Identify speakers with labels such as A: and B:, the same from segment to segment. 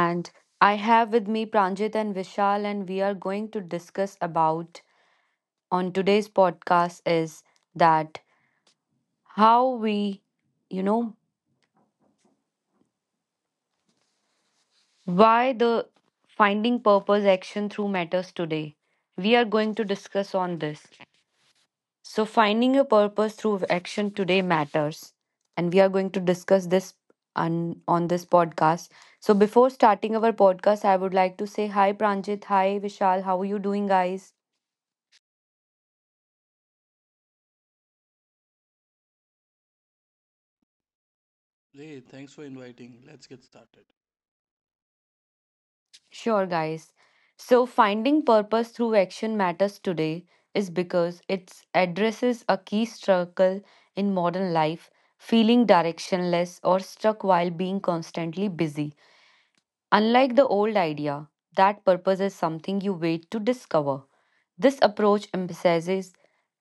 A: And I have with me Pranjit and Vishal, and we are going to discuss about on today's podcast is that how we, you know, why the finding purpose action through matters today. We are going to discuss on this. So, finding a purpose through action today matters. And we are going to discuss this on this podcast. So, before starting our podcast, I would like to say hi, Pranjit. Hi, Vishal. How are you doing, guys?
B: Hey, thanks for inviting. Let's get started.
A: Sure, guys. So, finding purpose through action matters today is because it addresses a key struggle in modern life feeling directionless or stuck while being constantly busy. Unlike the old idea that purpose is something you wait to discover, this approach emphasizes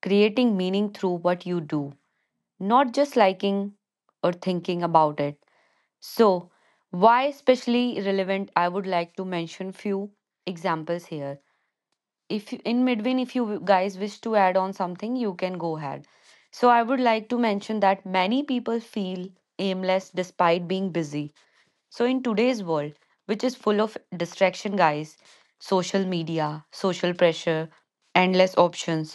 A: creating meaning through what you do, not just liking or thinking about it. So, why especially relevant? I would like to mention few examples here if you- in between if you guys wish to add on something you can go ahead. So I would like to mention that many people feel aimless despite being busy. So in today's world, which is full of distraction, guys, social media, social pressure, endless options,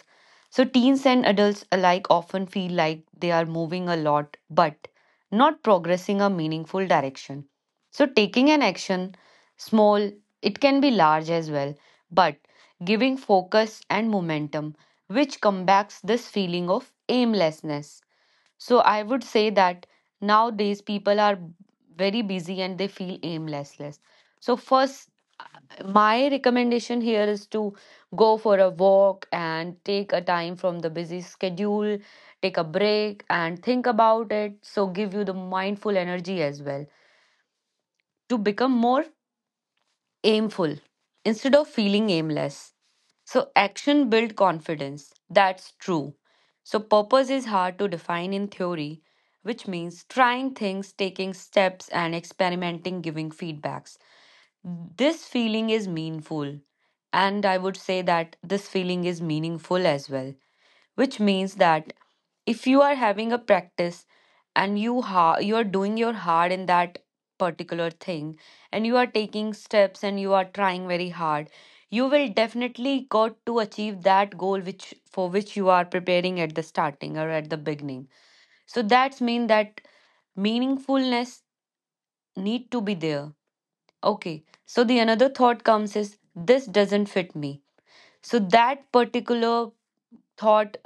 A: so teens and adults alike often feel like they are moving a lot but not progressing a meaningful direction. So taking an action, small, it can be large as well, but giving focus and momentum, which combats this feeling of aimlessness. So I would say that nowadays people are very busy and they feel aimlessless. So first, my recommendation here is to go for a walk and take a time from the busy schedule, take a break and think about it. So give you the mindful energy as well to become more aimful instead of feeling aimless. So, action builds confidence. That's true. So, purpose is hard to define in theory, which means trying things, taking steps, and experimenting, giving feedbacks. This feeling is meaningful. And I would say that this feeling is meaningful as well, which means that if you are having a practice and you are doing your hard in that particular thing and you are taking steps and you are trying very hard, you will definitely got to achieve that goal which for which you are preparing at the starting or at the beginning. So that's mean that meaningfulness need to be there. Okay, so the another thought comes is this doesn't fit me. So that particular thought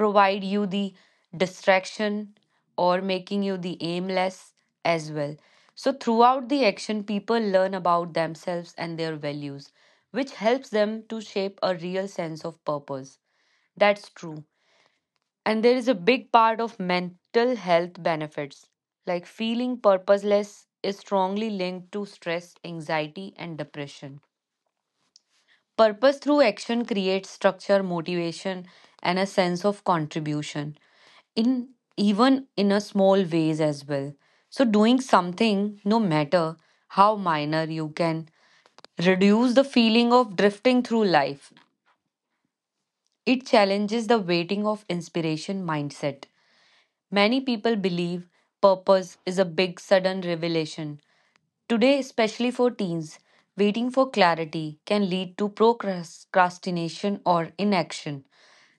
A: provide you the distraction or making you the aimless as well. So, throughout the action, people learn about themselves and their values, which helps them to shape a real sense of purpose. That's true. And there is a big part of mental health benefits. Like feeling purposeless is strongly linked to stress, anxiety, and depression. Purpose through action creates structure, motivation, and a sense of contribution in even in a small ways as well. So doing something, no matter how minor, you can reduce the feeling of drifting through life. It challenges the waiting of inspiration mindset. Many people believe purpose is a big sudden revelation. Today, especially for teens, waiting for clarity can lead to procrastination or inaction.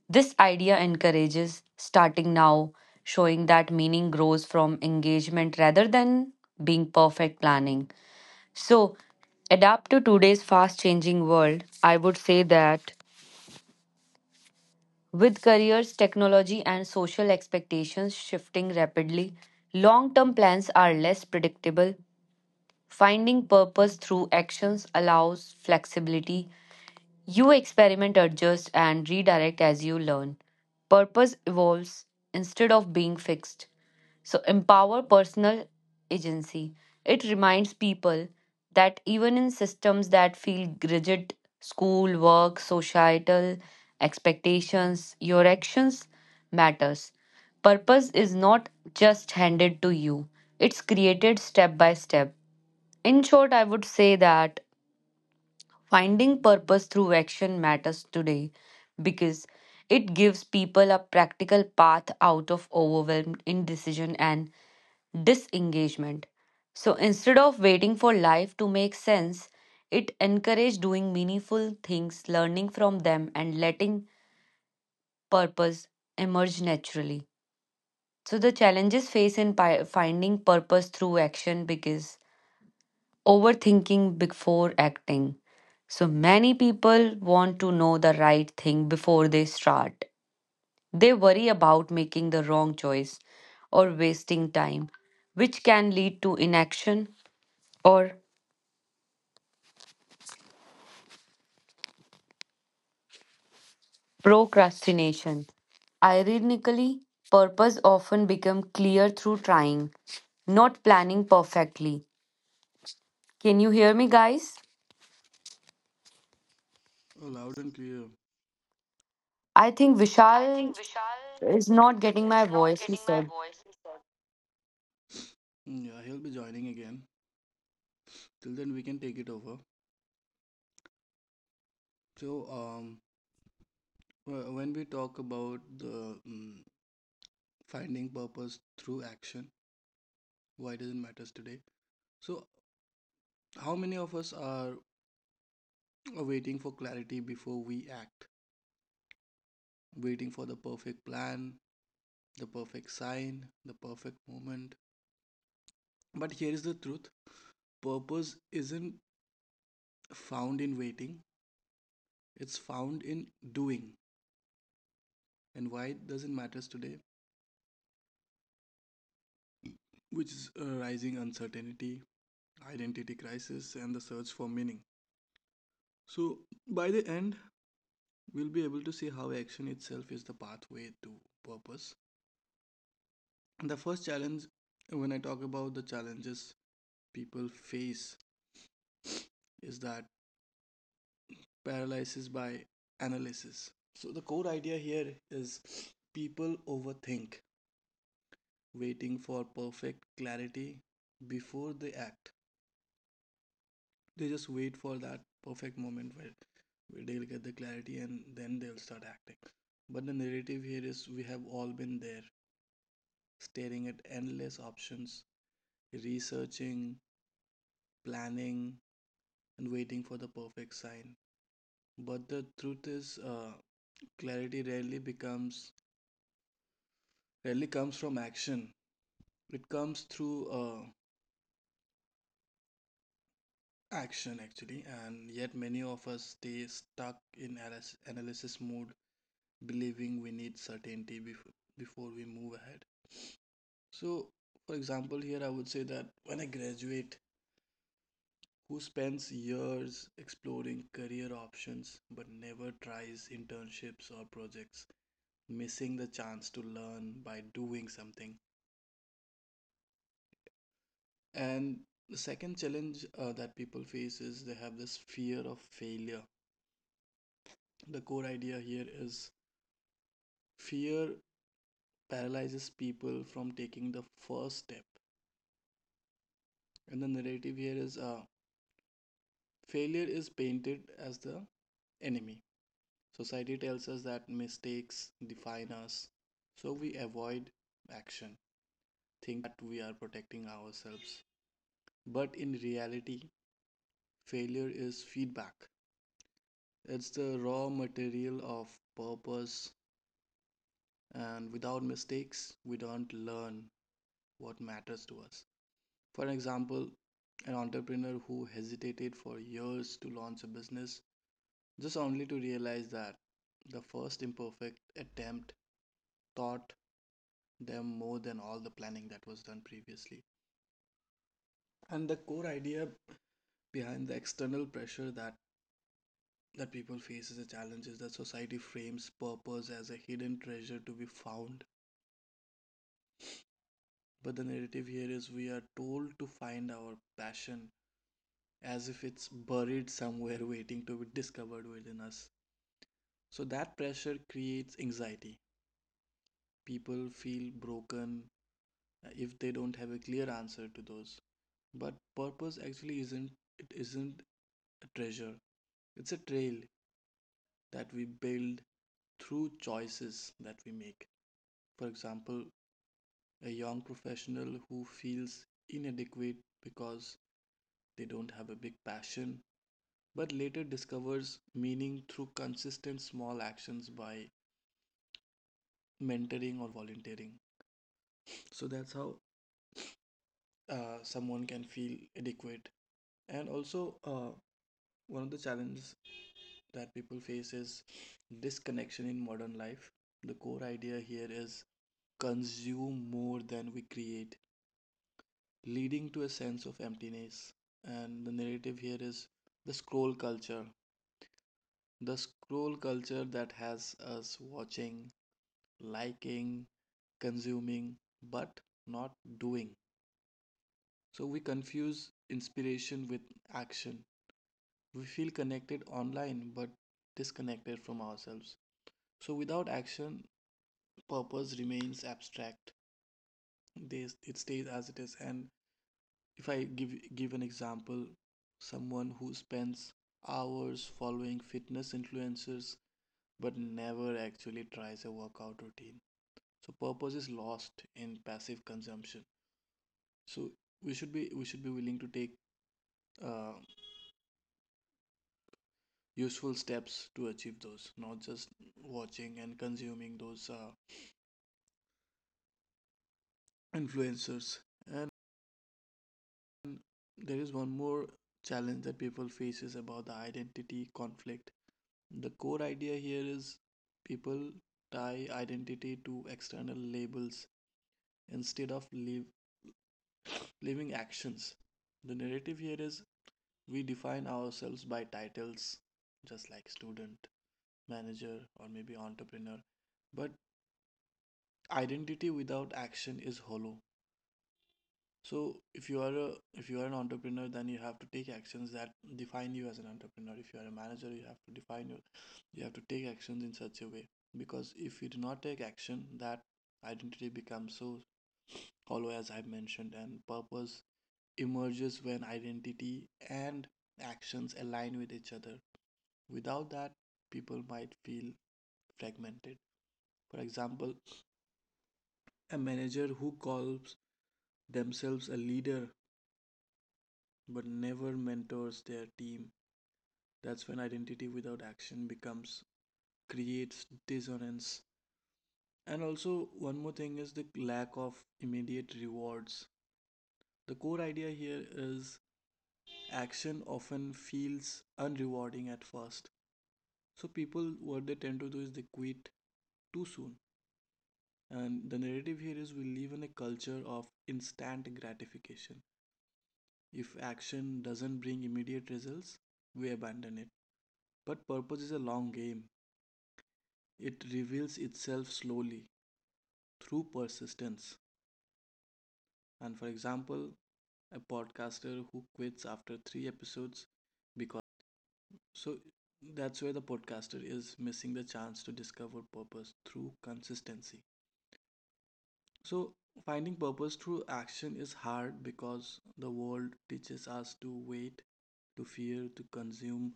A: This idea encourages starting now, showing that meaning grows from engagement rather than being perfect planning. So, adapt to today's fast changing world, I would say that with careers, technology, and social expectations shifting rapidly, long term plans are less predictable. Finding purpose through actions allows flexibility, you experiment, adjust, and redirect as you learn. Purpose evolves instead of being fixed. So, empower personal agency. It reminds people that even in systems that feel rigid, school, work, societal expectations, your actions matters. Purpose is not just handed to you. It's created step by step. In short, I would say that finding purpose through action matters today because it gives people a practical path out of overwhelmed indecision and disengagement. So instead of waiting for life to make sense, it encourages doing meaningful things, learning from them, and letting purpose emerge naturally. So the challenges faced in finding purpose through action because overthinking before acting. So many people want to know the right thing before they start. They worry about making the wrong choice or wasting time, which can lead to inaction or procrastination. Ironically, purpose often become clear through trying, not planning perfectly. Can you hear me, guys?
B: Oh, loud and clear.
A: I think
B: I
A: Vishal
B: think Vishal
A: is not getting my
B: is not
A: voice, he
B: getting my
A: said.
B: voice. He said. Yeah, he'll be joining again. Till then, we can take it over. So, when we talk about the finding purpose through action, why doesn't matters today? So, how many of us are waiting for clarity before we act? Waiting for the perfect plan, the perfect sign, the perfect moment. But here is the truth: purpose isn't found in waiting, it's found in doing, and why it doesn't matter today, which is rising uncertainty, identity crisis, and the search for meaning. So by the end we'll be able to see how action itself is the pathway to purpose. And the first challenge, when I talk about the challenges people face, is that paralysis by analysis. So the core idea here is people overthink, waiting for perfect clarity before they act. They just wait for that perfect moment where they'll get the clarity and then they'll start acting. But the narrative here is we have all been there, staring at endless options, researching, planning, and waiting for the perfect sign. But the truth is, clarity rarely becomes rarely comes from action. It comes through action actually, and yet many of us stay stuck in analysis mode, believing we need certainty before we move ahead. So for example here, I would say that when a graduate who spends years exploring career options but never tries internships or projects, missing the chance to learn by doing something. And the second challenge that people face is they have this fear of failure. The core idea here is fear paralyzes people from taking the first step. And the narrative here is failure is painted as the enemy. Society tells us that mistakes define us, so we avoid action, thinking we are protecting ourselves. But in reality, failure is feedback. It's the raw material of purpose, and without mistakes, we don't learn what matters to us. For example, an entrepreneur who hesitated for years to launch a business just only to realize that the first imperfect attempt taught them more than all the planning that was done previously. And the core idea behind the external pressure that people face as a challenge is that society frames purpose as a hidden treasure to be found. But the narrative here is we are told to find our passion as if it's buried somewhere waiting to be discovered within us. So that pressure creates anxiety, people feel broken if they don't have a clear answer to those. But purpose actually isn't, it isn't a treasure, it's a trail that we build through choices that we make. For example, a young professional who feels inadequate because they don't have a big passion but later discovers meaning through consistent small actions by mentoring or volunteering. So that's how someone can feel adequate. And also, one of the challenges that people face is disconnection in modern life. The core idea here is consume more than we create, leading to a sense of emptiness. And the narrative here is the scroll culture. The scroll culture that has us watching, liking, consuming, but not doing. So we confuse inspiration with action. We feel connected online but disconnected from ourselves. So without action, purpose remains abstract. It stays as it is. And if I give an example, someone who spends hours following fitness influencers but never actually tries a workout routine. So purpose is lost in passive consumption. So we should be, we should be willing to take uh, useful steps to achieve those, not just watching and consuming those influencers. And there is one more challenge that people faces about the identity conflict. The core idea here is people tie identity to external labels instead of living actions. The narrative here is we define ourselves by titles, just like student, manager, or maybe entrepreneur, but identity without action is hollow. So if you are a, if you are an entrepreneur, then you have to take actions that define you as an entrepreneur. If you are a manager, you have to define your, you have to take actions in such a way, because if you do not take action, that identity becomes so hollow as I mentioned, and purpose emerges when identity and actions align with each other. Without that, people might feel fragmented. For example, a manager who calls themselves a leader but never mentors their team. That's when identity without action becomes, creates dissonance. And also, one more thing is the lack of immediate rewards. The core idea here is action often feels unrewarding at first. So, people, what they tend to do is they quit too soon. And the narrative here is we live in a culture of instant gratification. If action doesn't bring immediate results, we abandon it. But purpose is a long game. It reveals itself slowly through persistence. And for example, a podcaster who quits after three episodes because. So that's where the podcaster is missing the chance to discover purpose through consistency. So finding purpose through action is hard because the world teaches us to wait, to fear, to consume,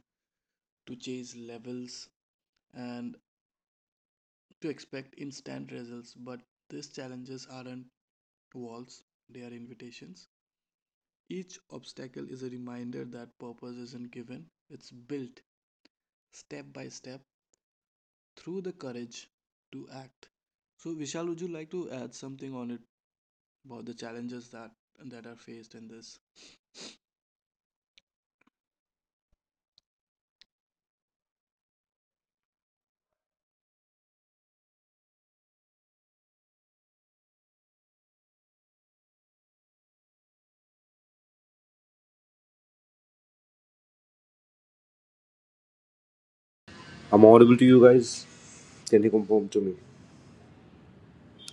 B: to chase levels, and to expect instant results. But these challenges aren't to walls, they are invitations. Each obstacle is a reminder that purpose isn't given, it's built step by step through the courage to act. So, Vishal, would you like to add something on it about the challenges that are faced in this?
C: I'm audible to you guys? Can you confirm to me?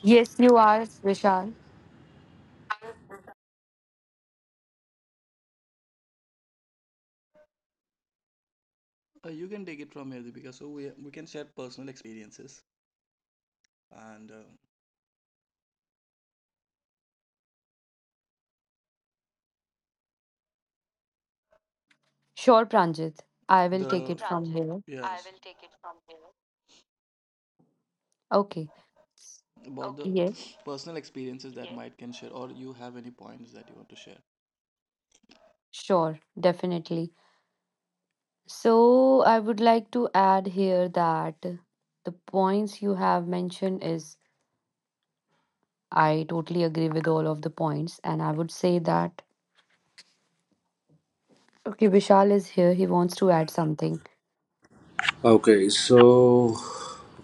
A: Yes, you are, Vishal.
B: You can take it from here, Deepika. So we can share personal experiences and
A: Sure, Pranjit. I
B: Good,
A: will
B: the
A: take
B: Good,
A: it from
B: Pranjit.
A: here.
B: Yes. I yes will take it from here.
A: Okay.
B: About Okay. the
A: Yes.
B: Okay. personal experiences that Yes. might can share, or you have any points that you want to share?
A: Sure, definitely. So I would like to add here that the points you have mentioned is I totally agree with all of the points, and I would say that okay, Vishal is here. He wants to add something.
C: Okay, so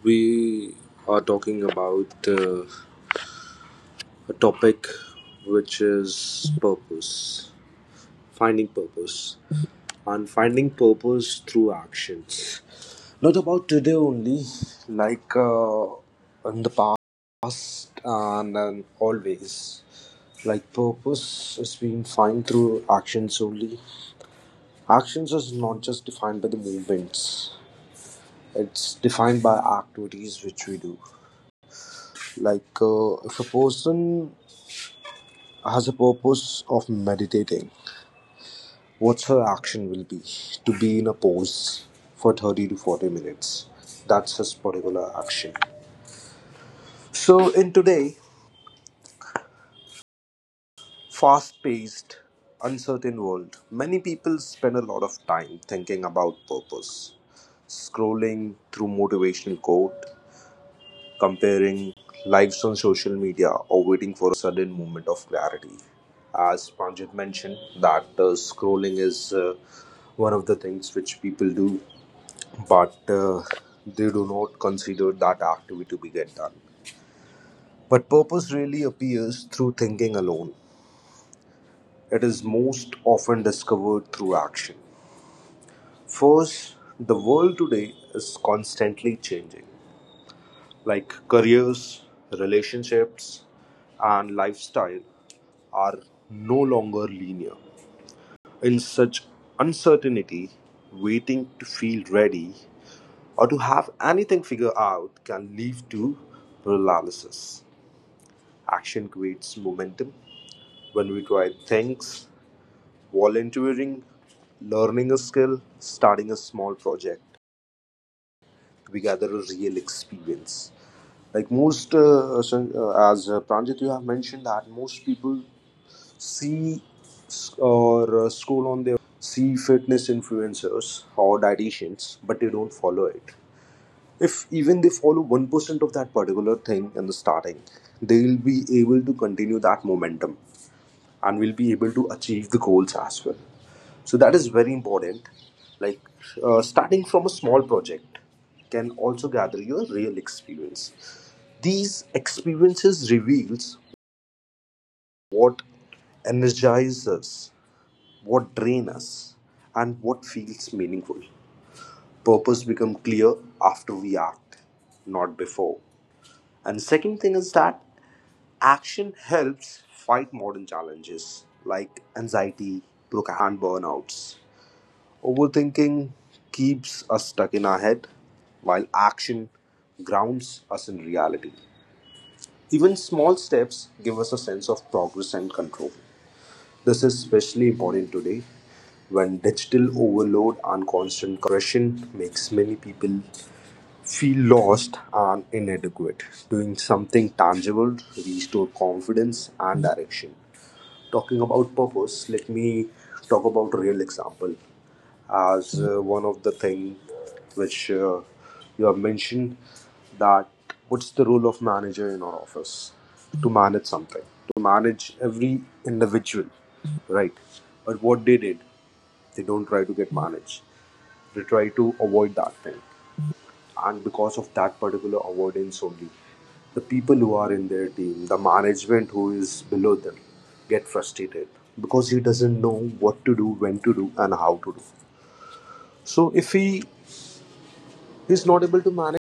C: we are talking about a topic which is purpose, finding purpose, and finding purpose through actions. Not about today only, like in the past and always. Like purpose is being found through actions only. Actions is not just defined by the movements; it's defined by activities which we do. Like, if a person has a purpose of meditating, what's her action will be? To be in a pose for 30 to 40 minutes. That's his particular action. So in today, fast paced, uncertain world, many people spend a lot of time thinking about purpose, scrolling through motivational quote, comparing lives on social media, or waiting for sudden moment of clarity. As Panjit mentioned, that scrolling is one of the things which people do, but they do not consider that activity to be get done. But purpose really appears through thinking alone. It is most often discovered through action. First, the world today is constantly changing. Like careers, relationships, and lifestyle are no longer linear. In such uncertainty, waiting to feel ready or to have anything figured out can lead to paralysis. Action creates momentum. When we try things, volunteering, learning a skill, starting a small project, we gather a real experience. Like most, as Pranjit, you have mentioned that most people see s- or scroll on their see fitness influencers or dietitians, but they don't follow it. If even they follow 1% of that particular thing in the starting, they'll be able to continue that momentum and we'll be able to achieve the goals as well. So that is very important. Like starting from a small project can also gather your real experience. These experiences reveals what energizes us, what drain us, and what feels meaningful. Purpose become clear after we act, not before. And second thing is that action helps fight modern challenges like anxiety and burnouts. Overthinking keeps us stuck in our head, while action grounds us in reality. Even small steps give us a sense of progress and control. This is especially important today when digital overload and constant compression makes many people feel lost and inadequate. Doing something tangible restore confidence and direction. Talking about purpose, let me talk about real example. As one of the thing which you have mentioned, that what's the role of manager in our office? To manage something, to manage every individual, right? But what they did, they don't try to get managed, they try to avoid that thing. And because of that particular avoidance only, the people who are in their team, the management who is below them, get frustrated because he doesn't know what to do, when to do, and how to do. So if he is not able to manage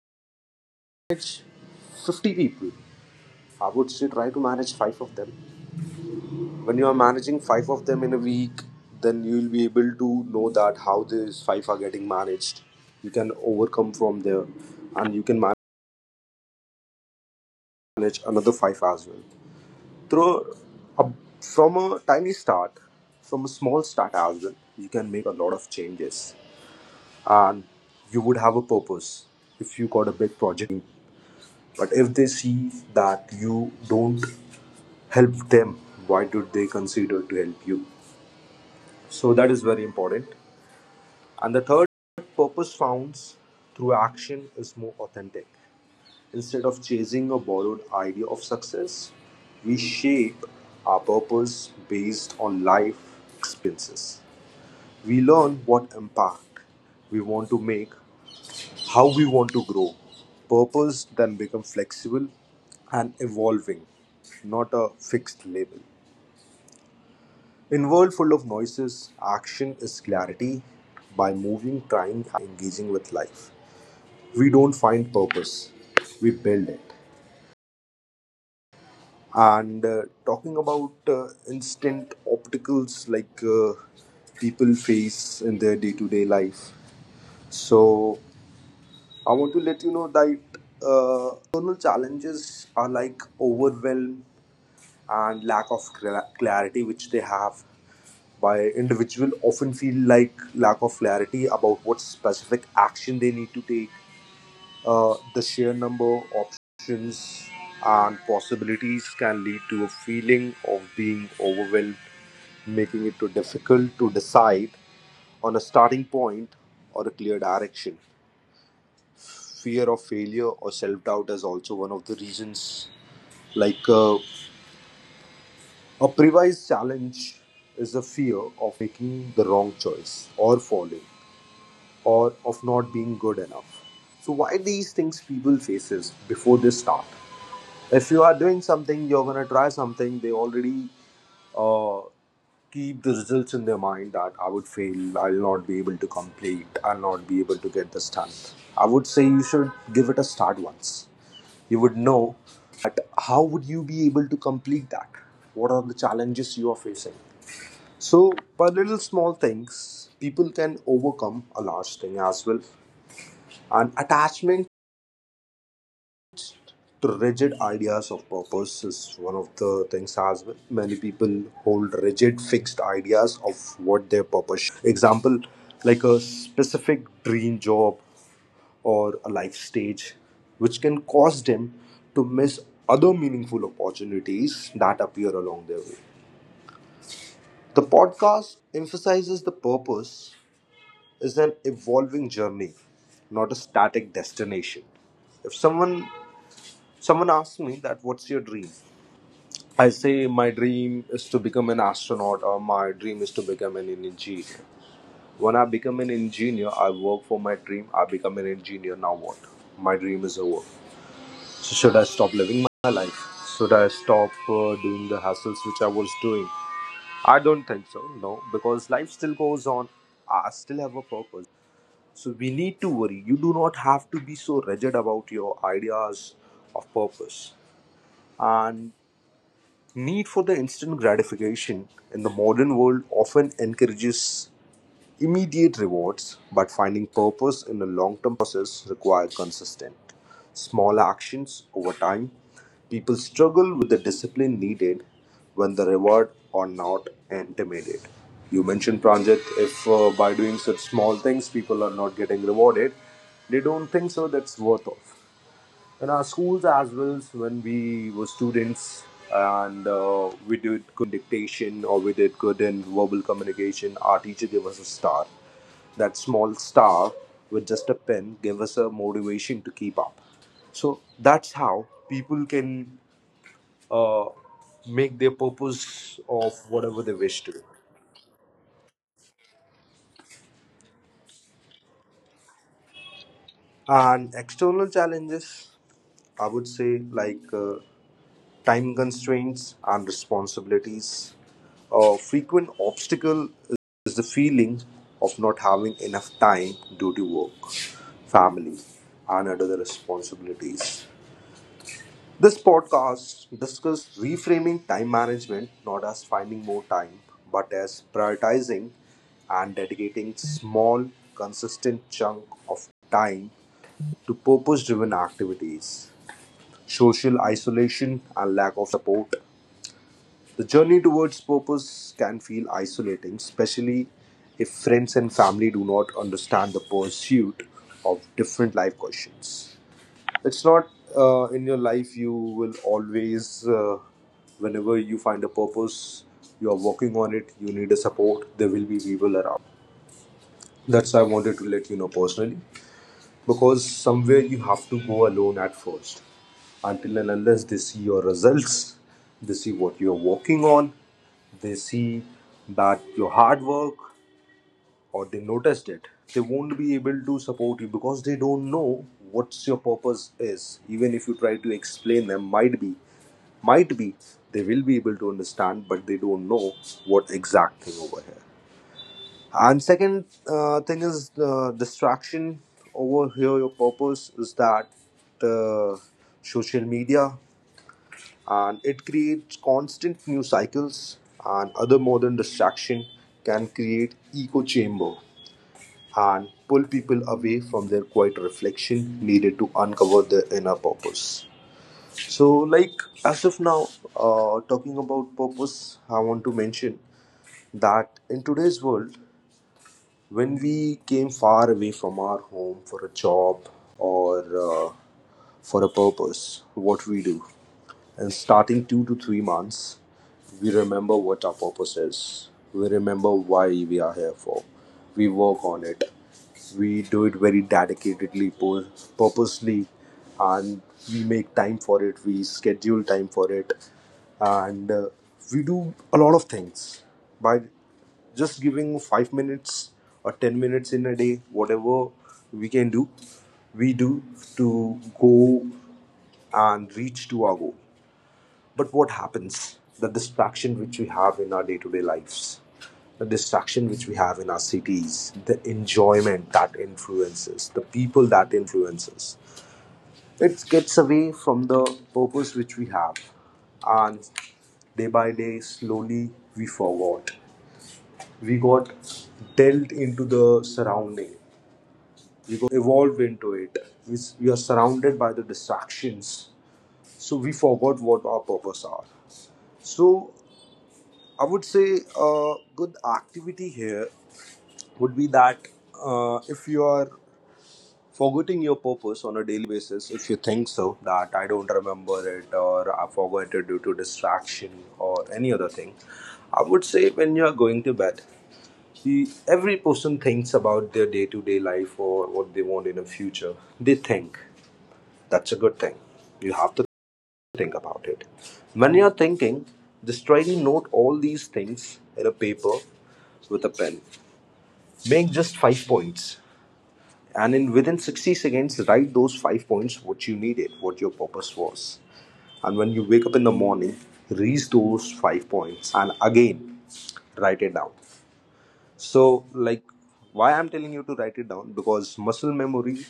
C: 50 people, I would say try to manage 5 of them. When you are managing 5 of them in a week, then you will be able to know that how these 5 are getting managed. You can overcome from there and you can manage another 5 as well. Through a, from a tiny start, from a small start as well, you can make a lot of changes, and you would have a purpose. If you got a big project. But if they see that you don't help them, why do they consider to help you? So that is very important. And the third, purpose found through action is more authentic. Instead of chasing a borrowed idea of success, we shape our purpose based on life experiences. We learn what impact we want to make, how we want to grow. Purpose then becomes flexible and evolving, not a fixed label. In a world full of noises, action is clarity. By moving, trying, engaging with life, we don't find purpose, we build it. And talking about instant obstacles like people face in their day to day life. So I want to let you know that internal challenges are like overwhelm and lack of clarity which they have by individual often feel like lack of clarity about what specific action they need to take. Uh, the sheer number of options and possibilities can lead to a feeling of being overwhelmed, making it too difficult to decide on a starting point or a clear direction. Fear of failure or self doubt is also one of the reasons. Like a previous challenge is a fear of making the wrong choice or falling or of not being good enough. So why these things people faces before they start? If you are doing something, you're gonna try something. They already uh, keep the results in their mind, that I would fail, I'll not be able to complete, I'll not be able to get this done. I would say you should give it a start once. You would know that how would you be able to complete that? What are the challenges you are facing? So by little small things, people can overcome a large thing as well. And attachment to rigid ideas of purpose is one of the things as well. Many people hold rigid, fixed ideas of what their purpose. Example, like a specific dream job or a life stage, which can cause them to miss other meaningful opportunities that appear along their way. The podcast emphasizes the purpose is an evolving journey, not a static destination. If someone asked me that, what's your dream? I say my dream is to become an astronaut, or my dream is to become an engineer. When I become an engineer, I work for my dream. I become an engineer. Now what? My dream is over. So should I stop living my life? Should I stop doing the hassles which I was doing? I don't think so. No, because life still goes on. I still have a purpose. So we need to worry. You do not have to be so rigid about your ideas of purpose. And need for the instant gratification in the modern world often encourages immediate rewards, but finding purpose in a long term process requires consistent, small actions over time. People struggle with the discipline needed when the reward are not intimidated. You mentioned, Pranjit, if by doing such small things people are not getting rewarded, they don't think so that's worth of. In our schools as well, when we were students, and we did dictation or we did good in verbal communication, our teacher gave us a star. That small star with just a pen gave us a motivation to keep up. So that's how people can uh, make their purpose of whatever they wish to. And external challenges, I would say, like time constraints and responsibilities. A frequent obstacle is the feeling of not having enough time due to work, family, and other responsibilities. This podcast discusses reframing time management not as finding more time, but as prioritizing and dedicating small, consistent chunk of time to purpose-driven activities, social isolation, and lack of support. The journey towards purpose can feel isolating, especially if friends and family do not understand the pursuit of different life questions. It's not in your life you will always, whenever you find a purpose, you are working on it, you need a support, there will be people around. That's I wanted to let you know personally. Because somewhere you have to go alone at first. Until and unless they see your results, they see what you're working on, they see that your hard work, or they noticed it, they won't be able to support you because they don't know what's your purpose is. Even if you try to explain them, might be they will be able to understand, but they don't know what exact thing over here. And second thing is distraction over here. Your purpose is that uh, social media, and it creates constant news cycles, and other modern distraction can create echo chamber and pull people away from their quiet reflection needed to uncover their inner purpose. So, like as of now, talking about purpose, I want to mention that in today's world, when we came far away from our home for a job or for a purpose, what we do. And starting 2 to 3 months, we remember what our purpose is. We remember why we are here for. We work on it. We do it very dedicatedly, purposely, and we make time for it. We schedule time for it, and we do a lot of things by just giving 5 minutes or 10 minutes in a day, whatever we can do, we do to go and reach to our goal. But what happens? The distraction which we have in our day to day lives, the distraction which we have in our cities, the enjoyment that influences, the people that influences, it gets away from the purpose which we have. And day by day, slowly we forgot. We got dealt into the surrounding. We evolved into it. We are surrounded by the distractions. So we forgot what our purpose are. So I would say a good activity here would be that if you are forgetting your purpose on a daily basis, if you think so, that I don't remember it or I forgot it due to distraction or any other thing, I would say when you are going to bed, see, every person thinks about their day-to-day life or what they want in the future. They think. That's a good thing. You have to think about it. When you're thinking, just try to note all these things in a paper with a pen. Make just five points. And in within 60 seconds, write those five points what you needed, what your purpose was. And when you wake up in the morning, read those five points and again write it down. So, like, why I'm telling you to write it down? Because muscle memory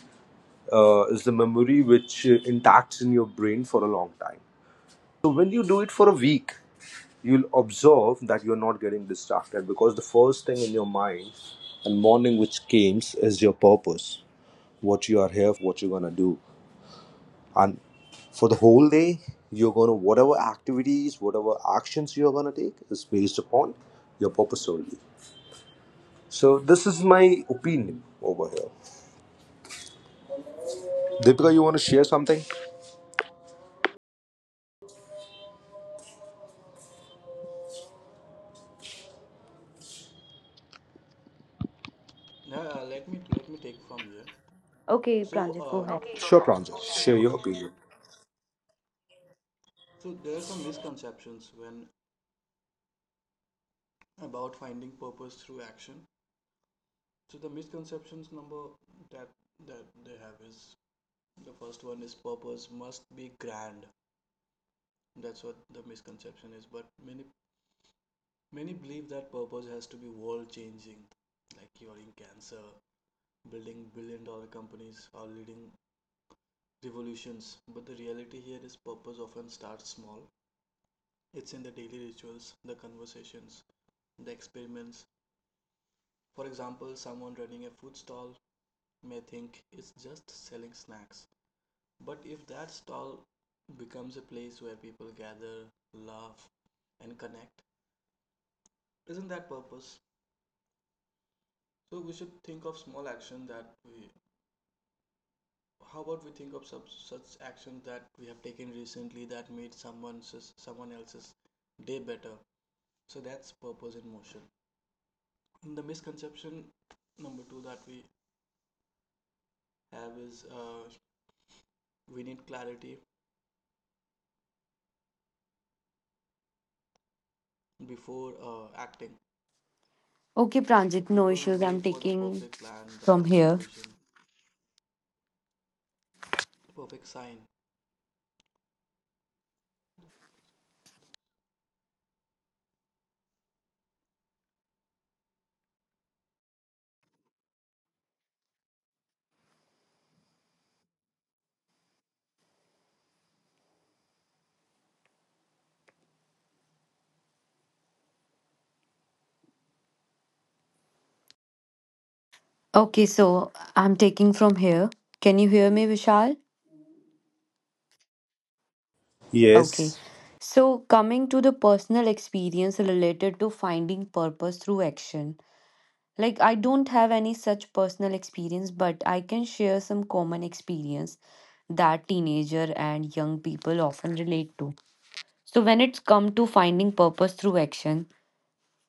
C: is the memory which intacts in your brain for a long time. When you do it for a week, you'll observe that you're not getting distracted because the first thing in your mind and morning which comes is your purpose, what you are here, what you're gonna do, and for the whole day you're gonna whatever activities, whatever actions you're gonna take is based upon your purpose only. So this is my opinion over here. Deepika, you want to share something?
B: Now, let me, let me take from here.
A: Okay,
B: So,
A: Pranjit, go ahead.
B: Okay, Sure,
C: Sure,
B: Raj, Parth.
C: Pranjal,
B: Go share ahead.
C: share
B: Your
C: your opinion.
B: so there are some misconceptions when about finding purpose through action. So the misconceptions number that that they have is the first one is purpose must be grand. That's what the misconception is. But many believe that purpose has to be world changing, like curing cancer, building billion dollar companies, or leading revolutions. But the reality here is purpose often starts small. It's in the daily rituals, the conversations, the experiments. For example, someone running a food stall may think it's just selling snacks. But if that stall becomes a place where people gather, laugh, and connect, isn't that purpose? So we should think of small action that we. How about we think of such actions that we have taken recently that made someone else's day better? So that's purpose in motion. The misconception number two that we have is we need clarity before acting.
A: Okay,
B: So
A: Pranjit, no
B: people
A: issues. I'm
B: wait for the
A: taking
B: perfect plan, the
A: from
B: perfect
A: here.
B: vision, the perfect sign.
A: Okay, so I'm taking from here. Can you hear me, Vishal? Okay.
C: Yes.
A: So, coming to the personal experience related to finding purpose through action. Like, I don't have any such personal experience, but I can share some common experience that teenager and young people often relate to. So, when it's come to finding purpose through action,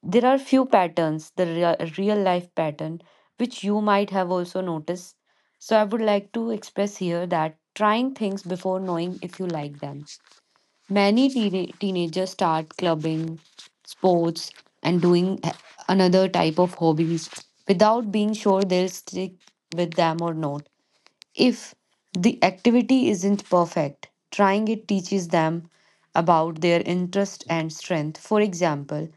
A: there are few patterns, the real life pattern, which you might have also noticed. So, I would like to express here that trying things before knowing if you like them. Many teenagers start clubbing, sports, and doing another type of hobbies without being sure they'll stick with them or not. If the activity isn't perfect, trying it teaches them about their interest and strength. For example,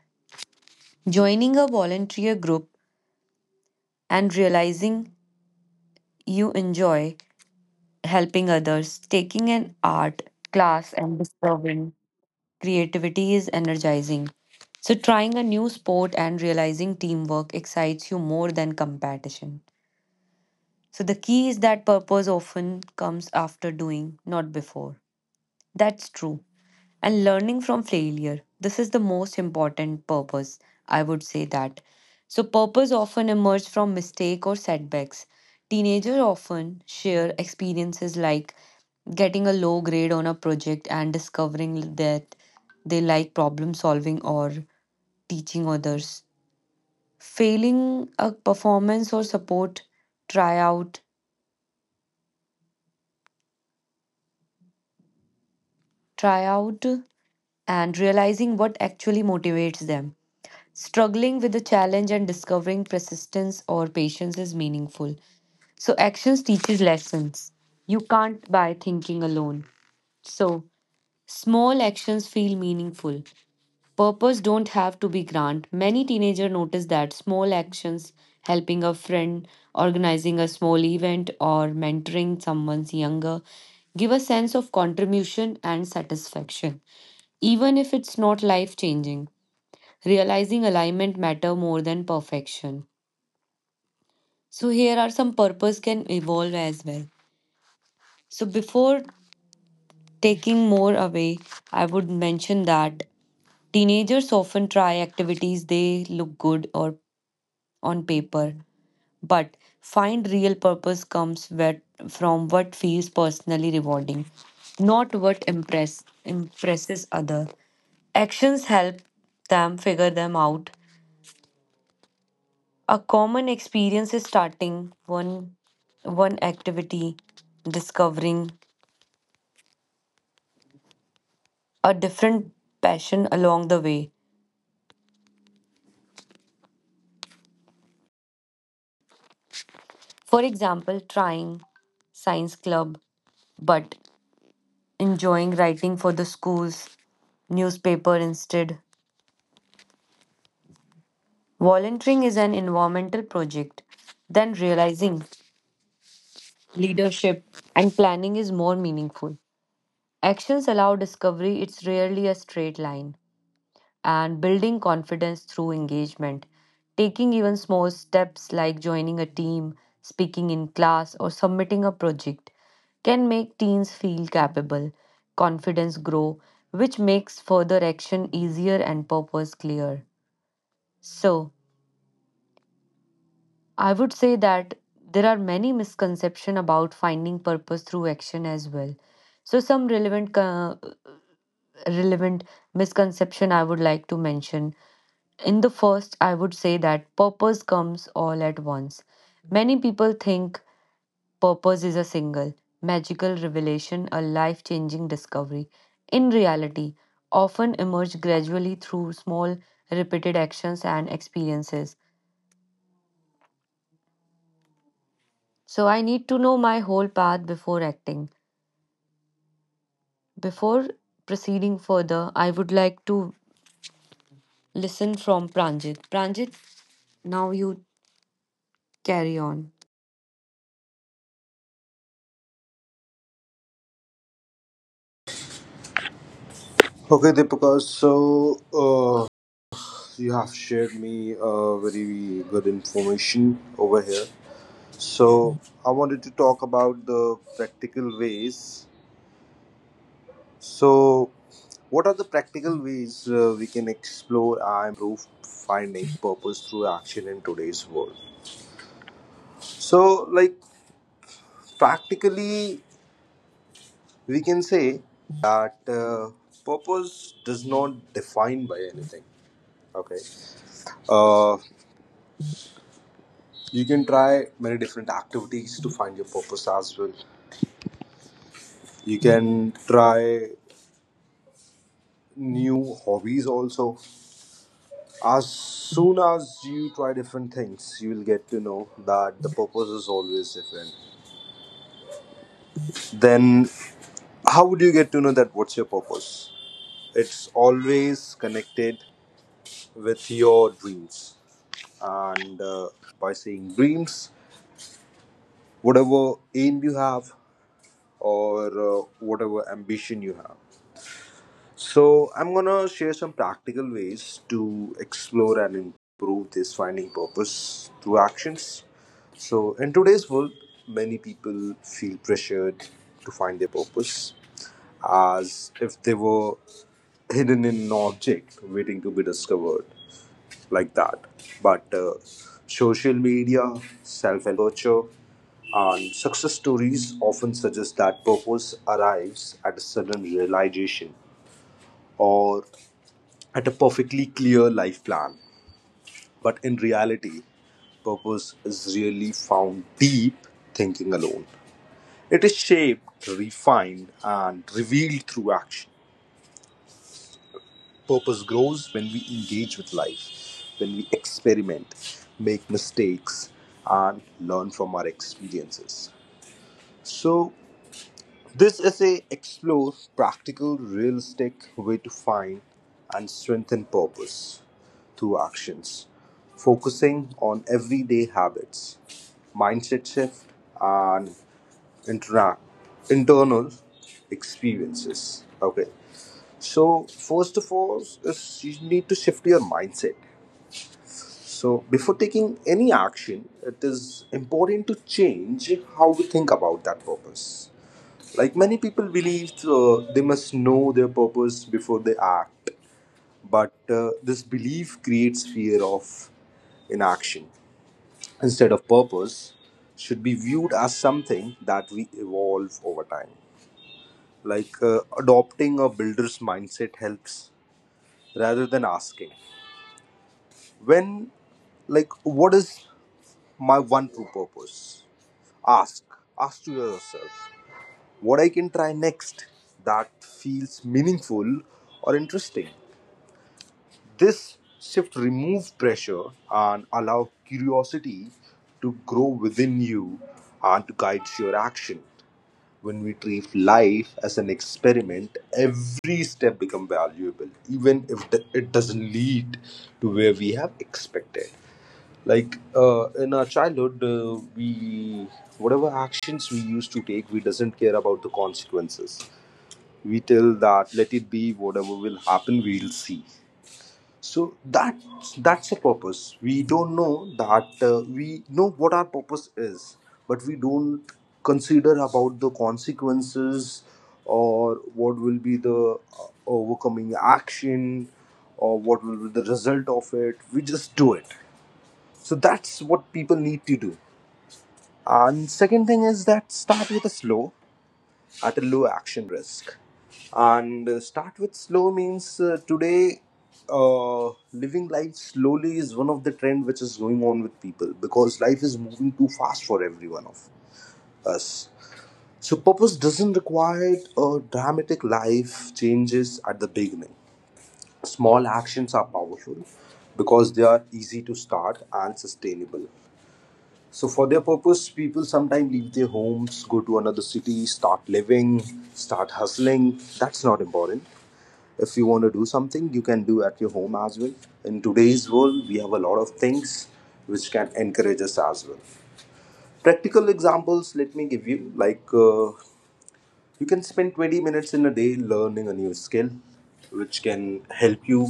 A: joining a volunteer group and realizing you enjoy helping others, taking an art class and discovering creativity is energizing. So, trying a new sport and realizing teamwork excites you more than competition. So, the key is that purpose often comes after doing, not before. That's true and learning from failure. This is the most important purpose, I would say that. So, purpose often emerge from mistake or setbacks. Teenagers often share experiences like getting a low grade on a project and discovering that they like problem solving or teaching others. Failing a performance or support tryout, tryout, and realizing what actually motivates them. Struggling with the challenge and discovering persistence or patience is meaningful. So actions teaches lessons. You can't buy thinking alone. So small actions feel meaningful. Purpose don't have to be grand. Many teenagers notice that small actions helping a friend, organizing a small event or mentoring someone's younger give a sense of contribution and satisfaction even if it's not life changing realizing alignment matter more than perfection. So here are some purpose can evolve as well. So before taking more away, I would mention that teenagers often try activities they look good or on paper, but find real purpose comes where, from what feels personally rewarding, not what impresses other. Actions help them figure them out. A common experience is starting one activity, discovering a different passion along the way. For example, trying science club but enjoying writing for the school's newspaper instead. Volunteering is an environmental project, then realizing leadership and planning is more meaningful. Actions allow discovery, it's rarely a straight line. And building confidence through engagement. Taking even small steps like joining a team, speaking in class, or submitting a project can make teens feel capable, confidence grow, which makes further action easier and purpose clear. So, I would say that there are many misconceptions about finding purpose through action as well. So, some relevant, relevant misconception I would like to mention. In the first, I would say that purpose comes all at once. Many people think purpose is a single, magical revelation, a life changing discovery. In reality, often emerge gradually through small, repeated actions and experiences. So, I need to know my whole path before acting. Before proceeding further, I would like to listen from Pranjit. Pranjit, now you carry on.
C: Okay, Deepika, so you have shared me very good information over here. So I wanted to talk about the practical ways. So, what are the practical ways we can explore and improve finding purpose through action in today's world? So, like practically, we can say that purpose does not define by anything. Okay, uh, you can try many different activities to find your purpose as well. You can try new hobbies also. As soon as you try different things, you will get to know that the purpose is always different. Then how would you get to know that what's your purpose? It's always connected with your dreams and, by saying dreams, whatever aim you have or whatever ambition you have. So, I'm gonna share some practical ways to explore and improve this finding purpose through actions. So, in today's world, many people feel pressured to find their purpose as if they were hidden in an object waiting to be discovered, like that. But social media, self help culture, and success stories often suggest that purpose arrives at a sudden realization or at a perfectly clear life plan. But in reality, purpose is really found deep thinking alone. It is shaped, refined, and revealed through action. Purpose grows when we engage with life, when we experiment, make mistakes, and learn from our experiences. So, this essay explores practical, realistic way to find and strengthen purpose through actions, focusing on everyday habits, mindset shift, and intera- internal experiences. Okay, so first of all, is you need to shift your mindset. So before taking any action, it is important to change how we think about that purpose. Like many people believe they must know their purpose before they act, but this belief creates fear of inaction. Instead of purpose, should be viewed as something that we evolve over time. Like, adopting a builder's mindset helps rather than asking. When, like, what is my one true purpose? Ask. Ask to yourself, what I can try next that feels meaningful or interesting? This shift removes pressure and allow curiosity to grow within you and to guide your action. When we treat life as an experiment, every step becomes valuable, even if it doesn't lead to where we have expected. Like, in our childhood, we whatever actions we used to take, we doesn't care about the consequences. We tell that let it be, whatever will happen we'll see. So that's a purpose. We don't know that, we know what our purpose is, but we don't consider about the consequences or what will be the overcoming action or what will be the result of it. We just do it. So that's what people need to do. And second thing is that start with a slow at a low action risk. And start with slow means, today, uh, living life slowly is one of the trend which is going on with people because life is moving too fast for every one of us. So purpose doesn't require dramatic life changes at the beginning. Small actions are powerful because they are easy to start and sustainable. So for their purpose, people sometimes leave their homes, go to another city, start living, start hustling. That's not important. If you want to do something, you can do at your home as well. In today's world, we have a lot of things which can encourage us as well. Practical examples, let me give you. Like, you can spend 20 minutes in a day learning a new skill, which can help you.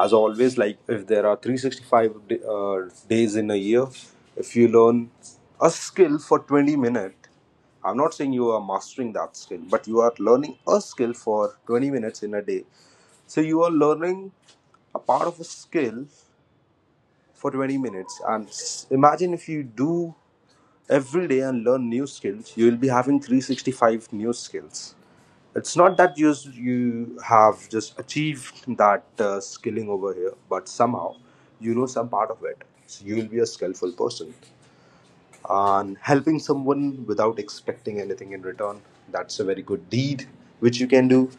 C: As always, like if there are 365 days in a year, if you learn a skill for 20 minutes, I'm not saying you are mastering that skill, but you are learning a skill for 20 minutes in a day. So you are learning a part of a skill for 20 minutes. And imagine if you do every day and learn new skills, you will be having 365 new skills. It's not that you have just achieved that skilling over here, but somehow you know some part of it, so you'll be a skillful person. And helping someone without expecting anything in return, that's a very good deed which you can do.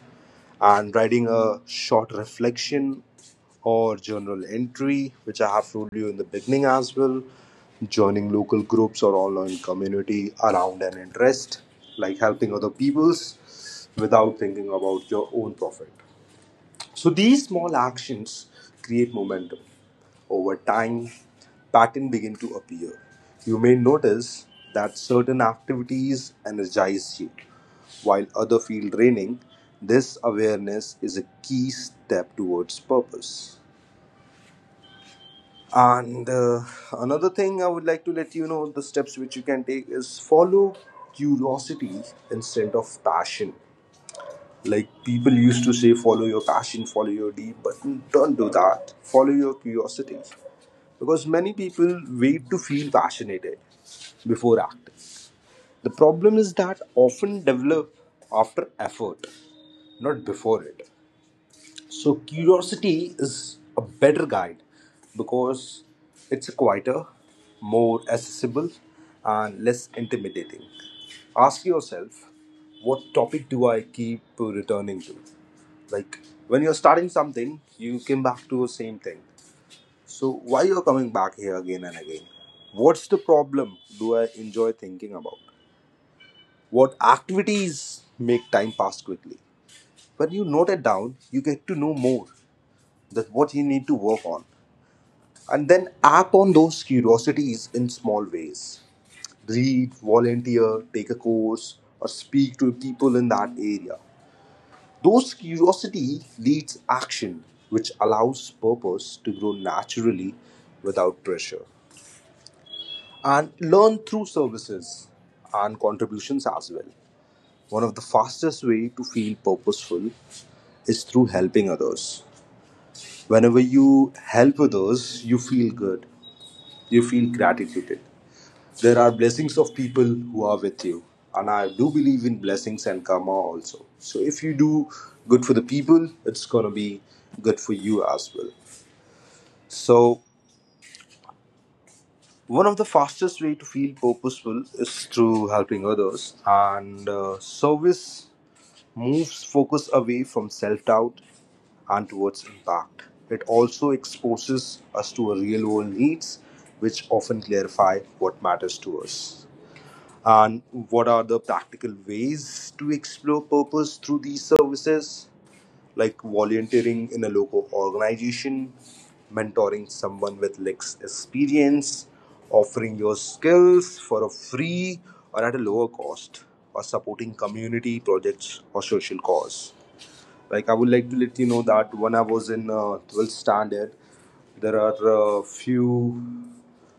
C: And writing a short reflection or journal entry, which I have told you in the beginning as well. Joining local groups or online community around an interest, like helping other peoples without thinking about your own profit. So these small actions create momentum. Over time, patterns begin to appear. You may notice that certain activities energize you, while others feel draining. This awareness is a key step towards purpose. And another thing I would like to let you know, the steps which you can take is follow curiosity instead of passion. Like people used to say, follow your passion, follow your deep, but don't do that. Follow your curiosity. Because many people wait to feel passionate before acting. The problem is that often develop after effort, not before it. So curiosity is a better guide because it's quieter, more accessible, and less intimidating. Ask yourself, what topic do I keep returning to? Like when you're starting something, you came back to the same thing. So why you're coming back here again and again? What's the problem do I enjoy thinking about? What activities make time pass quickly? When you note it down, you get to know more. That's what you need to work on. And then act on those curiosities in small ways. Read, volunteer, take a course, or speak to people in that area. Those curiosity leads action, which allows purpose to grow naturally without pressure. And learn through services and contributions as well. One of the fastest way to feel purposeful is through helping others. Whenever you help others, you feel good. You feel gratitude. There are blessings of people who are with you, and I do believe in blessings and karma also. So if you do good for the people, it's gonna be good for you as well. So one of the fastest way to feel purposeful is through helping others, and service moves focus away from self doubt and towards impact. It also exposes us to our real world needs, which often clarify what matters to us. And what are the practical ways to explore purpose through these services, like volunteering in a local organization, mentoring someone with less experience, offering your skills for a free or at a lower cost, or supporting community projects or social cause. Like I would like to let you know that when I was in 12th standard, there are a few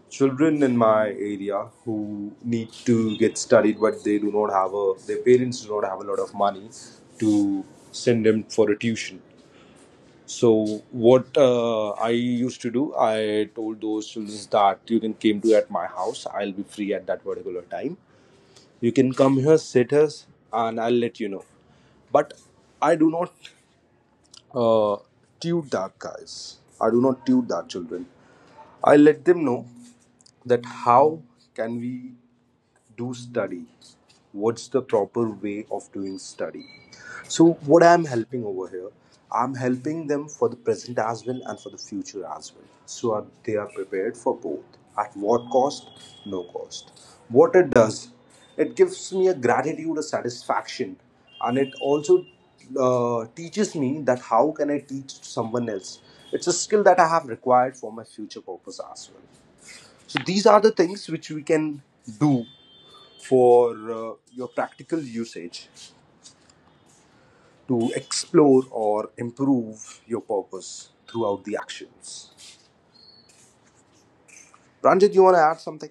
C: children in my area who need to get studied, but they do not have a, their parents do not have a lot of money to send them for a tuition. So what, I used to do, I told those children that you can come to at my house. I'll be free at that particular time. You can come here, sit us, and I'll let you know. But I do not uh, tude that guys, I do not tude that children. I let them know that how can we do study, what's the proper way of doing study. So what I'm helping over here? I'm helping them for the present as well and for the future as well. So they are prepared for both. At what cost? No cost. What it does, it gives me a gratitude, a satisfaction, and it also teaches me that how can I teach someone else. It's a skill that I have required for my future purpose as well. So these are the things which we can do for your practical usage to explore or improve your purpose throughout the actions. Ranjit, you want to add something?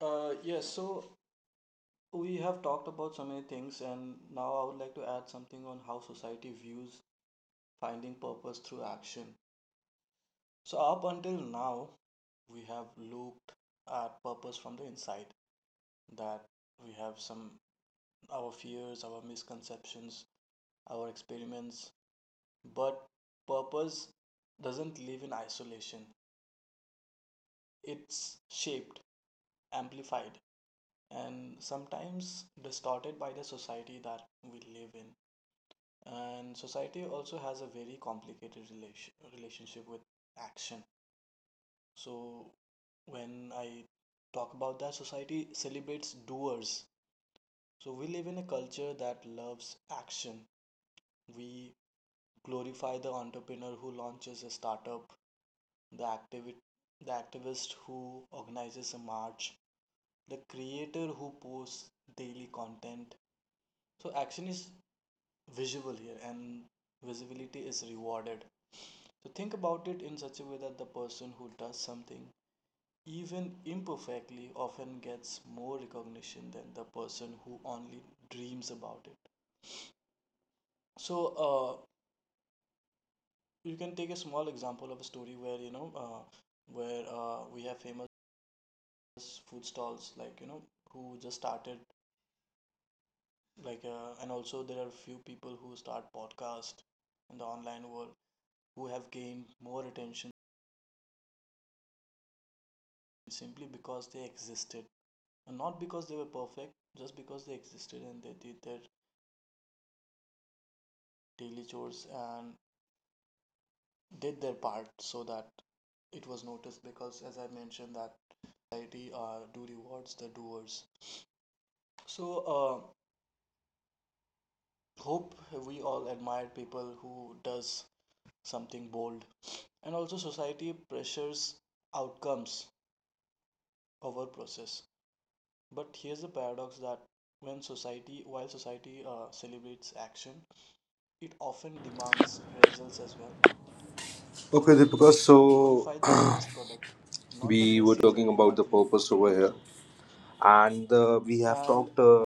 B: Yes, so we have talked about so many things, and now I would like to add something on how society views finding purpose through action. So, up until now, we have looked at purpose from the inside, that we have some, our fears, our misconceptions, our experiments, but purpose doesn't live in isolation. It's shaped, amplified, and sometimes distorted by the society that we live in, and society also has a very complicated relationship with action. So when I talk about that, society celebrates doers. So we live in a culture that loves action. We glorify the entrepreneur who launches a startup, the activi- the activist who organizes a march, the creator who posts daily content. So action is visible here, and visibility is rewarded. So think about it in such a way that the person who does something, even imperfectly, often gets more recognition than the person who only dreams about it. So uh, you can take a small example of a story where, we have famous food stalls, like, who just started, and also there are few people who start podcast in the online world who have gained more attention simply because they existed. And not because they were perfect, just because they existed and they did their daily chores and did their part so that it was noticed, because as I mentioned that society do rewards the doers. So hope we all admire people who does something bold. And also, society pressures outcomes over process. But here's the paradox that when society while society celebrates action, it often demands results as well. So
C: Okay, Deepika,
B: we
C: so
B: glorify the finished product, not the
C: we were
B: messy
C: talking
B: journey
C: about
B: that
C: the
B: we
C: purpose over
B: go
C: here,
B: through.
C: and we have
B: And
C: talked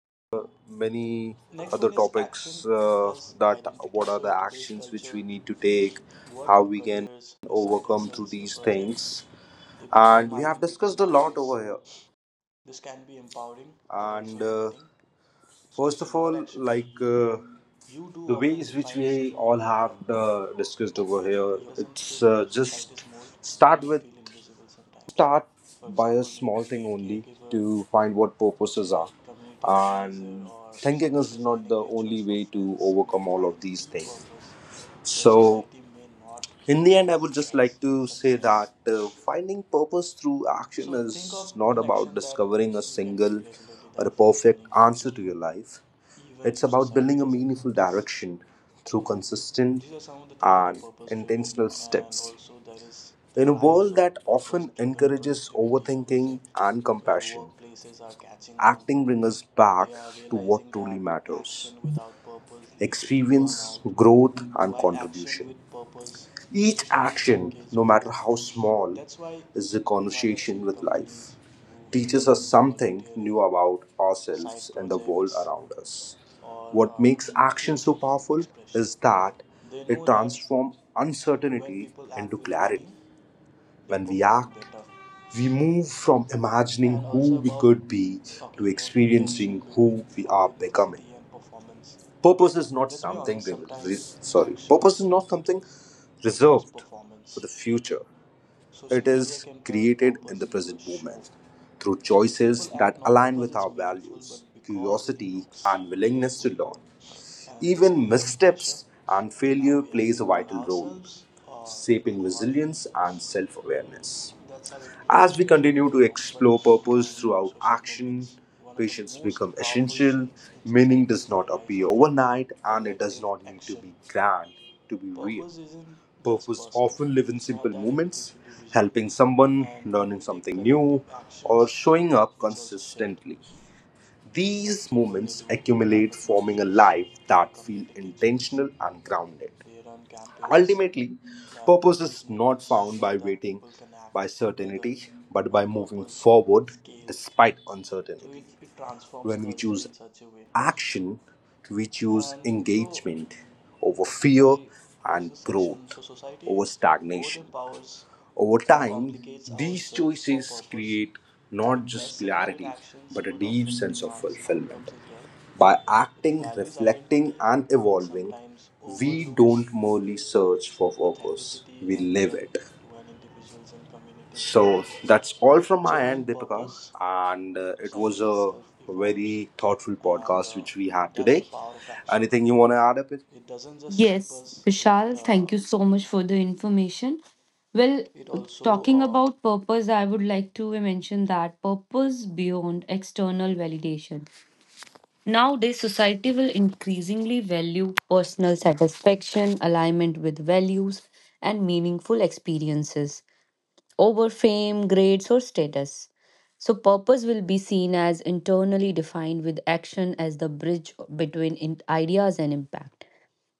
C: many
B: next
C: other
B: one is action
C: topics,
B: as
C: that
B: identity.
C: what are
B: So
C: the
B: in today's
C: actions which
B: culture,
C: we need to take,
B: what
C: how
B: your
C: we can
B: careers, your side
C: overcome through
B: hustles, your
C: these
B: projects,
C: things,
B: they
C: and
B: become
C: we have
B: identity
C: discussed a lot
B: markers.
C: over here.
B: This can be empowering but also
C: And,
B: limiting. So
C: first
B: if
C: of
B: your
C: all,
B: action
C: like,
B: you do
C: the
B: often
C: ways which
B: defines
C: we
B: who
C: all
B: you
C: have
B: are
C: discussed over
B: and it
C: here,
B: doesn't
C: it's
B: fit
C: just
B: society's mold, you
C: start
B: may
C: with
B: feel invisible sometimes.
C: start
B: For
C: by a
B: example,
C: small
B: maybe
C: thing
B: a
C: only
B: caregiver,
C: to find what purposes
B: a
C: are,
B: community organizer,
C: and
B: or
C: thinking
B: someone
C: is not
B: designing
C: the
B: rituals
C: only
B: for
C: way to
B: friends may
C: overcome all of
B: find
C: these
B: deep
C: things.
B: purpose, but
C: So
B: society may not
C: in the end I
B: recognize
C: would
B: it
C: just
B: as
C: like to say
B: success.
C: that finding purpose through action
B: So,
C: is
B: think of
C: not
B: one
C: about
B: action that
C: discovering a
B: you can
C: single
B: take regularly
C: or
B: that
C: a
B: feels
C: perfect
B: meaningful to
C: answer to
B: you,
C: your life.
B: even
C: It's
B: if
C: about
B: society
C: building a
B: doesn't
C: meaningful
B: notice.
C: direction through
B: So,
C: consistent
B: these are some of the things that are
C: and
B: purpose driven,
C: intentional
B: and
C: steps
B: also there is the
C: in a
B: rise
C: world
B: of
C: that
B: purpose
C: often
B: driven
C: encourages
B: productivity, I would say,
C: overthinking and
B: where
C: compassion.
B: workplaces are catching on.
C: Acting brings us
B: They
C: back
B: are
C: to what
B: realizing
C: truly
B: that
C: matters:
B: action without purpose leads to
C: experience,
B: burnout,
C: growth, and
B: while action
C: contribution.
B: with purpose
C: Each
B: fuels
C: action, no
B: engagement.
C: matter how small,
B: That's why
C: is a
B: you might have
C: conversation
B: seen
C: with life,
B: companies who
C: teaches us
B: encourages
C: something new
B: volunteering,
C: about
B: side
C: ourselves and the world
B: projects,
C: around us.
B: or
C: What makes action so
B: creative
C: powerful
B: expression.
C: is that
B: They
C: it
B: know that
C: transforms
B: when
C: uncertainty
B: people act
C: into
B: with
C: clarity.
B: meaning, they
C: When we
B: perform
C: act,
B: better.
C: we move from imagining
B: And
C: who
B: also,
C: we
B: about
C: could be to
B: talking about the tension
C: experiencing who
B: between
C: we are becoming.
B: authenticity and performance.
C: Purpose is not
B: Let's be
C: something
B: honest,
C: re- re-
B: sometimes
C: sorry. Purpose is
B: actions
C: not something
B: becomes
C: reserved for
B: performance.
C: the future.
B: Social
C: It
B: media
C: is
B: can turn
C: created in
B: purpose
C: the
B: into a
C: present
B: show.
C: moment through
B: So
C: choices
B: people act
C: that
B: not
C: align
B: because
C: with
B: it's
C: our
B: meaningful
C: values,
B: but because it
C: curiosity,
B: looks
C: and willingness to
B: meaningful.
C: learn.
B: And this
C: Even
B: creates pressure
C: missteps and
B: that, are
C: failure
B: we
C: plays a
B: acting for
C: vital role,
B: ourselves or for
C: shaping
B: the
C: resilience
B: audience?
C: and self-awareness.
B: That's how it creates the
C: As we
B: pressure
C: continue
B: within
C: to
B: among, but
C: explore purpose
B: and
C: throughout
B: social
C: action,
B: movements. One of the
C: patience
B: most
C: becomes
B: powerful
C: essential.
B: shifts in
C: Meaning
B: society
C: does
B: is the
C: not
B: rise
C: appear
B: of
C: overnight and it does
B: collective
C: not need to
B: action.
C: be grand to be real.
B: Purpose isn't just
C: Purpose
B: personal.
C: often live in
B: It's not
C: simple
B: that everything
C: moments,
B: should be visual,
C: helping someone,
B: and when
C: learning
B: we take
C: something new,
B: collective
C: or
B: actions,
C: showing up
B: it's also shared,
C: consistently.
B: like
C: These
B: people, they
C: moments
B: do
C: accumulate,
B: climate
C: forming a
B: marches,
C: life
B: they do
C: that feels
B: community kitchens,
C: intentional and grounded.
B: they run campaigns,
C: Ultimately,
B: that
C: purpose
B: these
C: is not
B: movements
C: found
B: show
C: by
B: that
C: waiting
B: people can
C: by
B: act together
C: certainty, but
B: when
C: by moving
B: purpose
C: forward
B: scales.
C: despite
B: So
C: uncertainty.
B: it transforms
C: When we
B: culture
C: choose
B: in such a way.
C: action, we choose
B: And so
C: engagement over
B: if
C: fear
B: I close
C: and
B: this section, so
C: growth
B: society
C: over
B: both
C: stagnation.
B: empowers
C: Over
B: and
C: time,
B: complicates our
C: these
B: search for
C: choices
B: purpose.
C: create not
B: It does
C: just
B: celebrate
C: clarity,
B: actions
C: but a
B: but
C: deep
B: often
C: sense of
B: demands
C: fulfillment.
B: outcomes as well.
C: By
B: It
C: acting,
B: values
C: reflecting,
B: identity
C: and
B: but
C: evolving,
B: sometimes
C: we
B: overlooks
C: don't merely search for purpose,
B: authenticity,
C: we
B: and
C: live
B: yet,
C: it.
B: when individuals and communities
C: So
B: act with
C: that's all from my
B: genuine
C: end, Deepika.
B: purpose,
C: And it was
B: society
C: a
B: itself evolves.
C: very thoughtful
B: And
C: podcast which we had
B: that's the
C: today.
B: power of action.
C: Anything you want to add up? It?
B: It doesn't just shape
A: Yes,
B: us,
A: Vishal, thank you so much for the information. Well,
B: it also
A: talking about purpose, I would like to mention that purpose beyond external validation. Nowadays, society will increasingly value personal satisfaction, alignment with values, and meaningful experiences over fame, grades, or status. So, purpose will be seen as internally defined with action as the bridge between ideas and impact.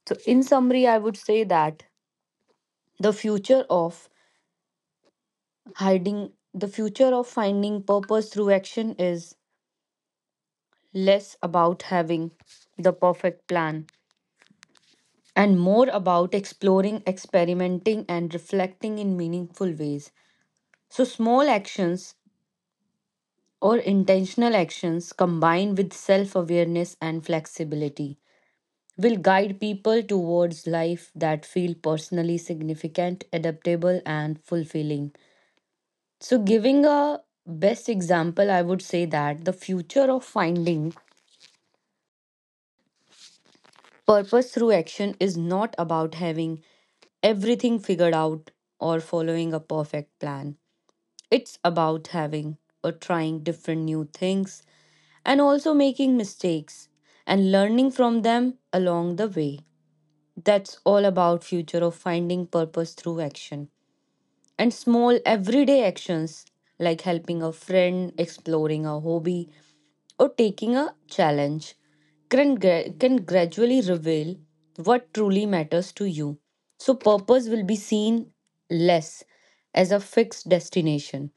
A: So, in summary, I would say that the future of hiding, the future of finding purpose through action is less about having the perfect plan and more about exploring, experimenting, and reflecting in meaningful ways. So, small actions or intentional actions combined with self awareness and flexibility will guide people towards life that feel personally significant, adaptable, and fulfilling. So, giving a best example, I would say that the future of finding purpose through action is not about having everything figured out or following a perfect plan. It's about having or trying different new things and also making mistakes and learning from them along the way. That's all about future of finding purpose through action, and small everyday actions like helping a friend, exploring a hobby, or taking a challenge can, can gradually reveal what truly matters to you. So, purpose will be seen less as a fixed destination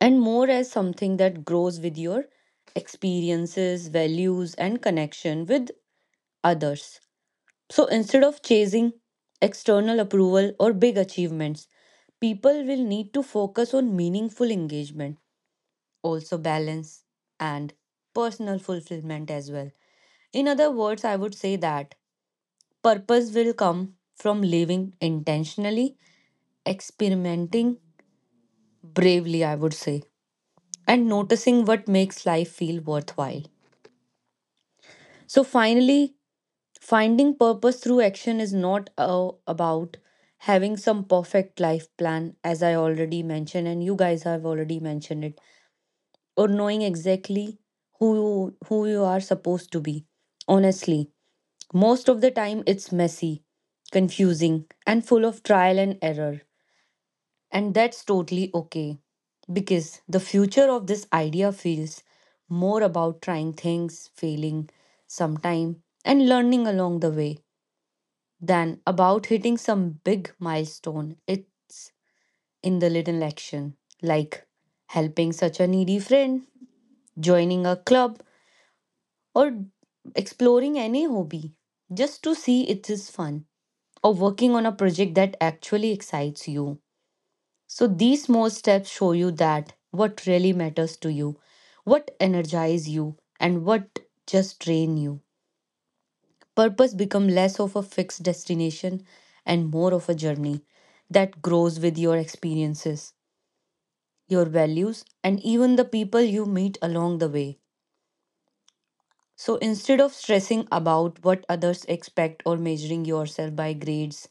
A: and more as something that grows with your experiences, values, and connection with others. So, instead of chasing external approval or big achievements, people will need to focus on meaningful engagement, also balance and personal fulfillment as well. In other words, I would say that purpose will come from living intentionally, experimenting bravely, I would say, and noticing what makes life feel worthwhile. So, finally, finding purpose through action is not about having some perfect life plan, as I already mentioned, and you guys have already mentioned it, or knowing exactly who you are supposed to be. Honestly, most of the time it's messy, confusing, and full of trial and error. And that's totally okay, because the future of this idea feels more about trying things, failing sometime, and learning along the way than about hitting some big milestone. It's in the little action, like helping such a needy friend, joining a club, or exploring any hobby just to see it is fun, or working on a project that actually excites you. So these small steps show you that what really matters to you, what energize you, and what just drain you. Purpose become less of a fixed destination and more of a journey that grows with your experiences, your values, and even the people you meet along the way. So instead of stressing about what others expect or measuring yourself by grades,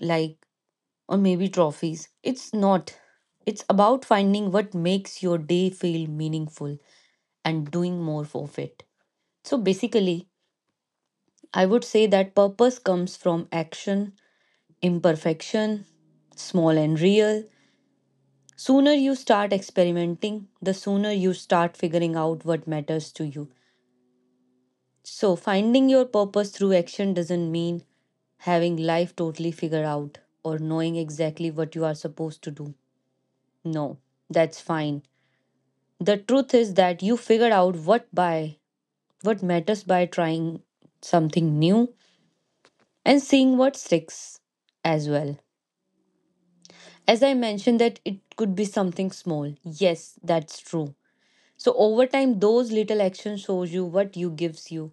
A: like, or maybe trophies, it's not. It's about finding what makes your day feel meaningful and doing more for it. So basically, I would say that purpose comes from action, imperfection, small and real. Sooner you start experimenting, the sooner you start figuring out what matters to you. So, finding your purpose through action doesn't mean having life totally figured out or knowing exactly what you are supposed to do. No, that's fine. The truth is that you figure out what by what matters by trying something new and seeing what sticks as well. As I mentioned, that it could be something small. Yes, that's true. So over time those little actions shows you what you gives you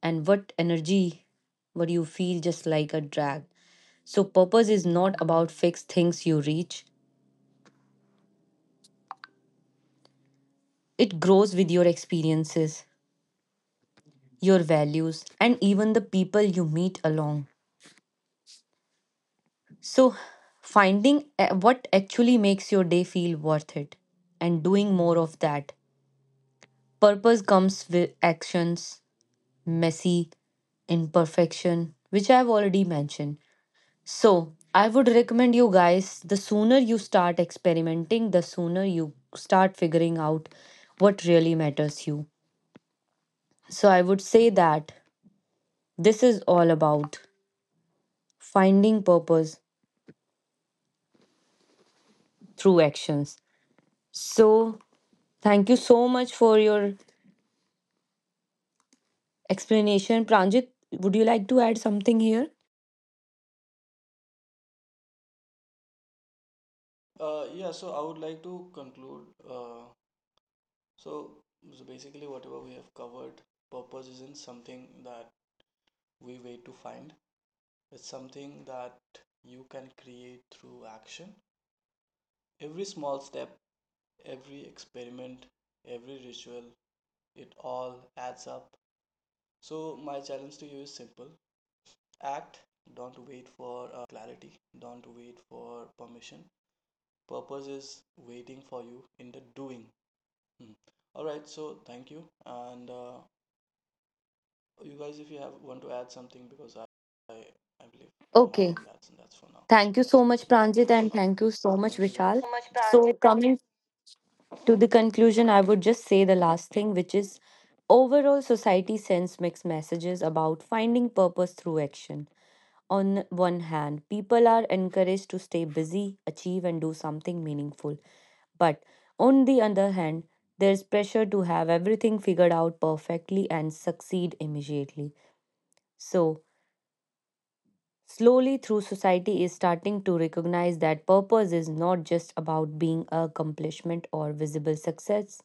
A: and what energy what you feel just like a drag. So, purpose is not about fixed things you reach, it grows with your experiences, your values, and even the people you meet along. So, finding what actually makes your day feel worth it and doing more of that. Purpose comes with actions, messy, imperfection, which I've already mentioned. So, I would recommend you guys, the sooner you start experimenting, the sooner you start figuring out what really matters you. So I would say that this is all about finding purpose through actions. So thank you so much for your explanation. Pranjit, would you like to add something here? Okay. Thank you so much, Pranjit, and thank you so much, Vishal.
B: so much transit
A: So, coming to the conclusion, I would just say the last thing, which is overall, society sends mixed messages about finding purpose through action. On one hand, people are encouraged to stay busy, achieve, and do something meaningful. But on the other hand, there's pressure to have everything figured out perfectly and succeed immediately. So, slowly through society is starting to recognize that purpose is not just about being a accomplishment or visible success.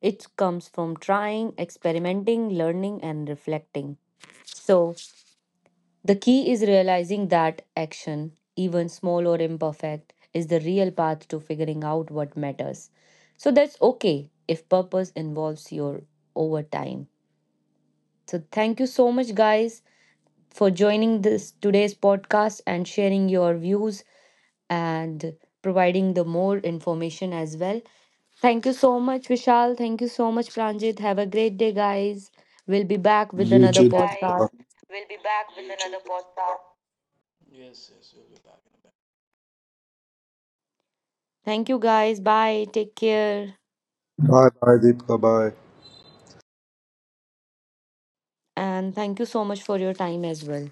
A: It comes from trying, experimenting, learning, and reflecting. So, the key is realizing that action, even small or imperfect, is the real path to figuring out what matters. So that's okay if purpose involves your over time. So thank you so much guys for joining this today's podcast and sharing your views and providing the more information as well. Thank you so much, Vishal, thank you so much, Pranjit. Have a great day, guys. We'll be back with
C: You
A: another
B: day,
C: too.
A: podcast.
C: Deepika.
B: guys. We'll be back with another podcast.
A: Thank you, guys. Bye. Take care.
C: Bye bye, Deepika. Bye.
A: And thank you so much for your time as well.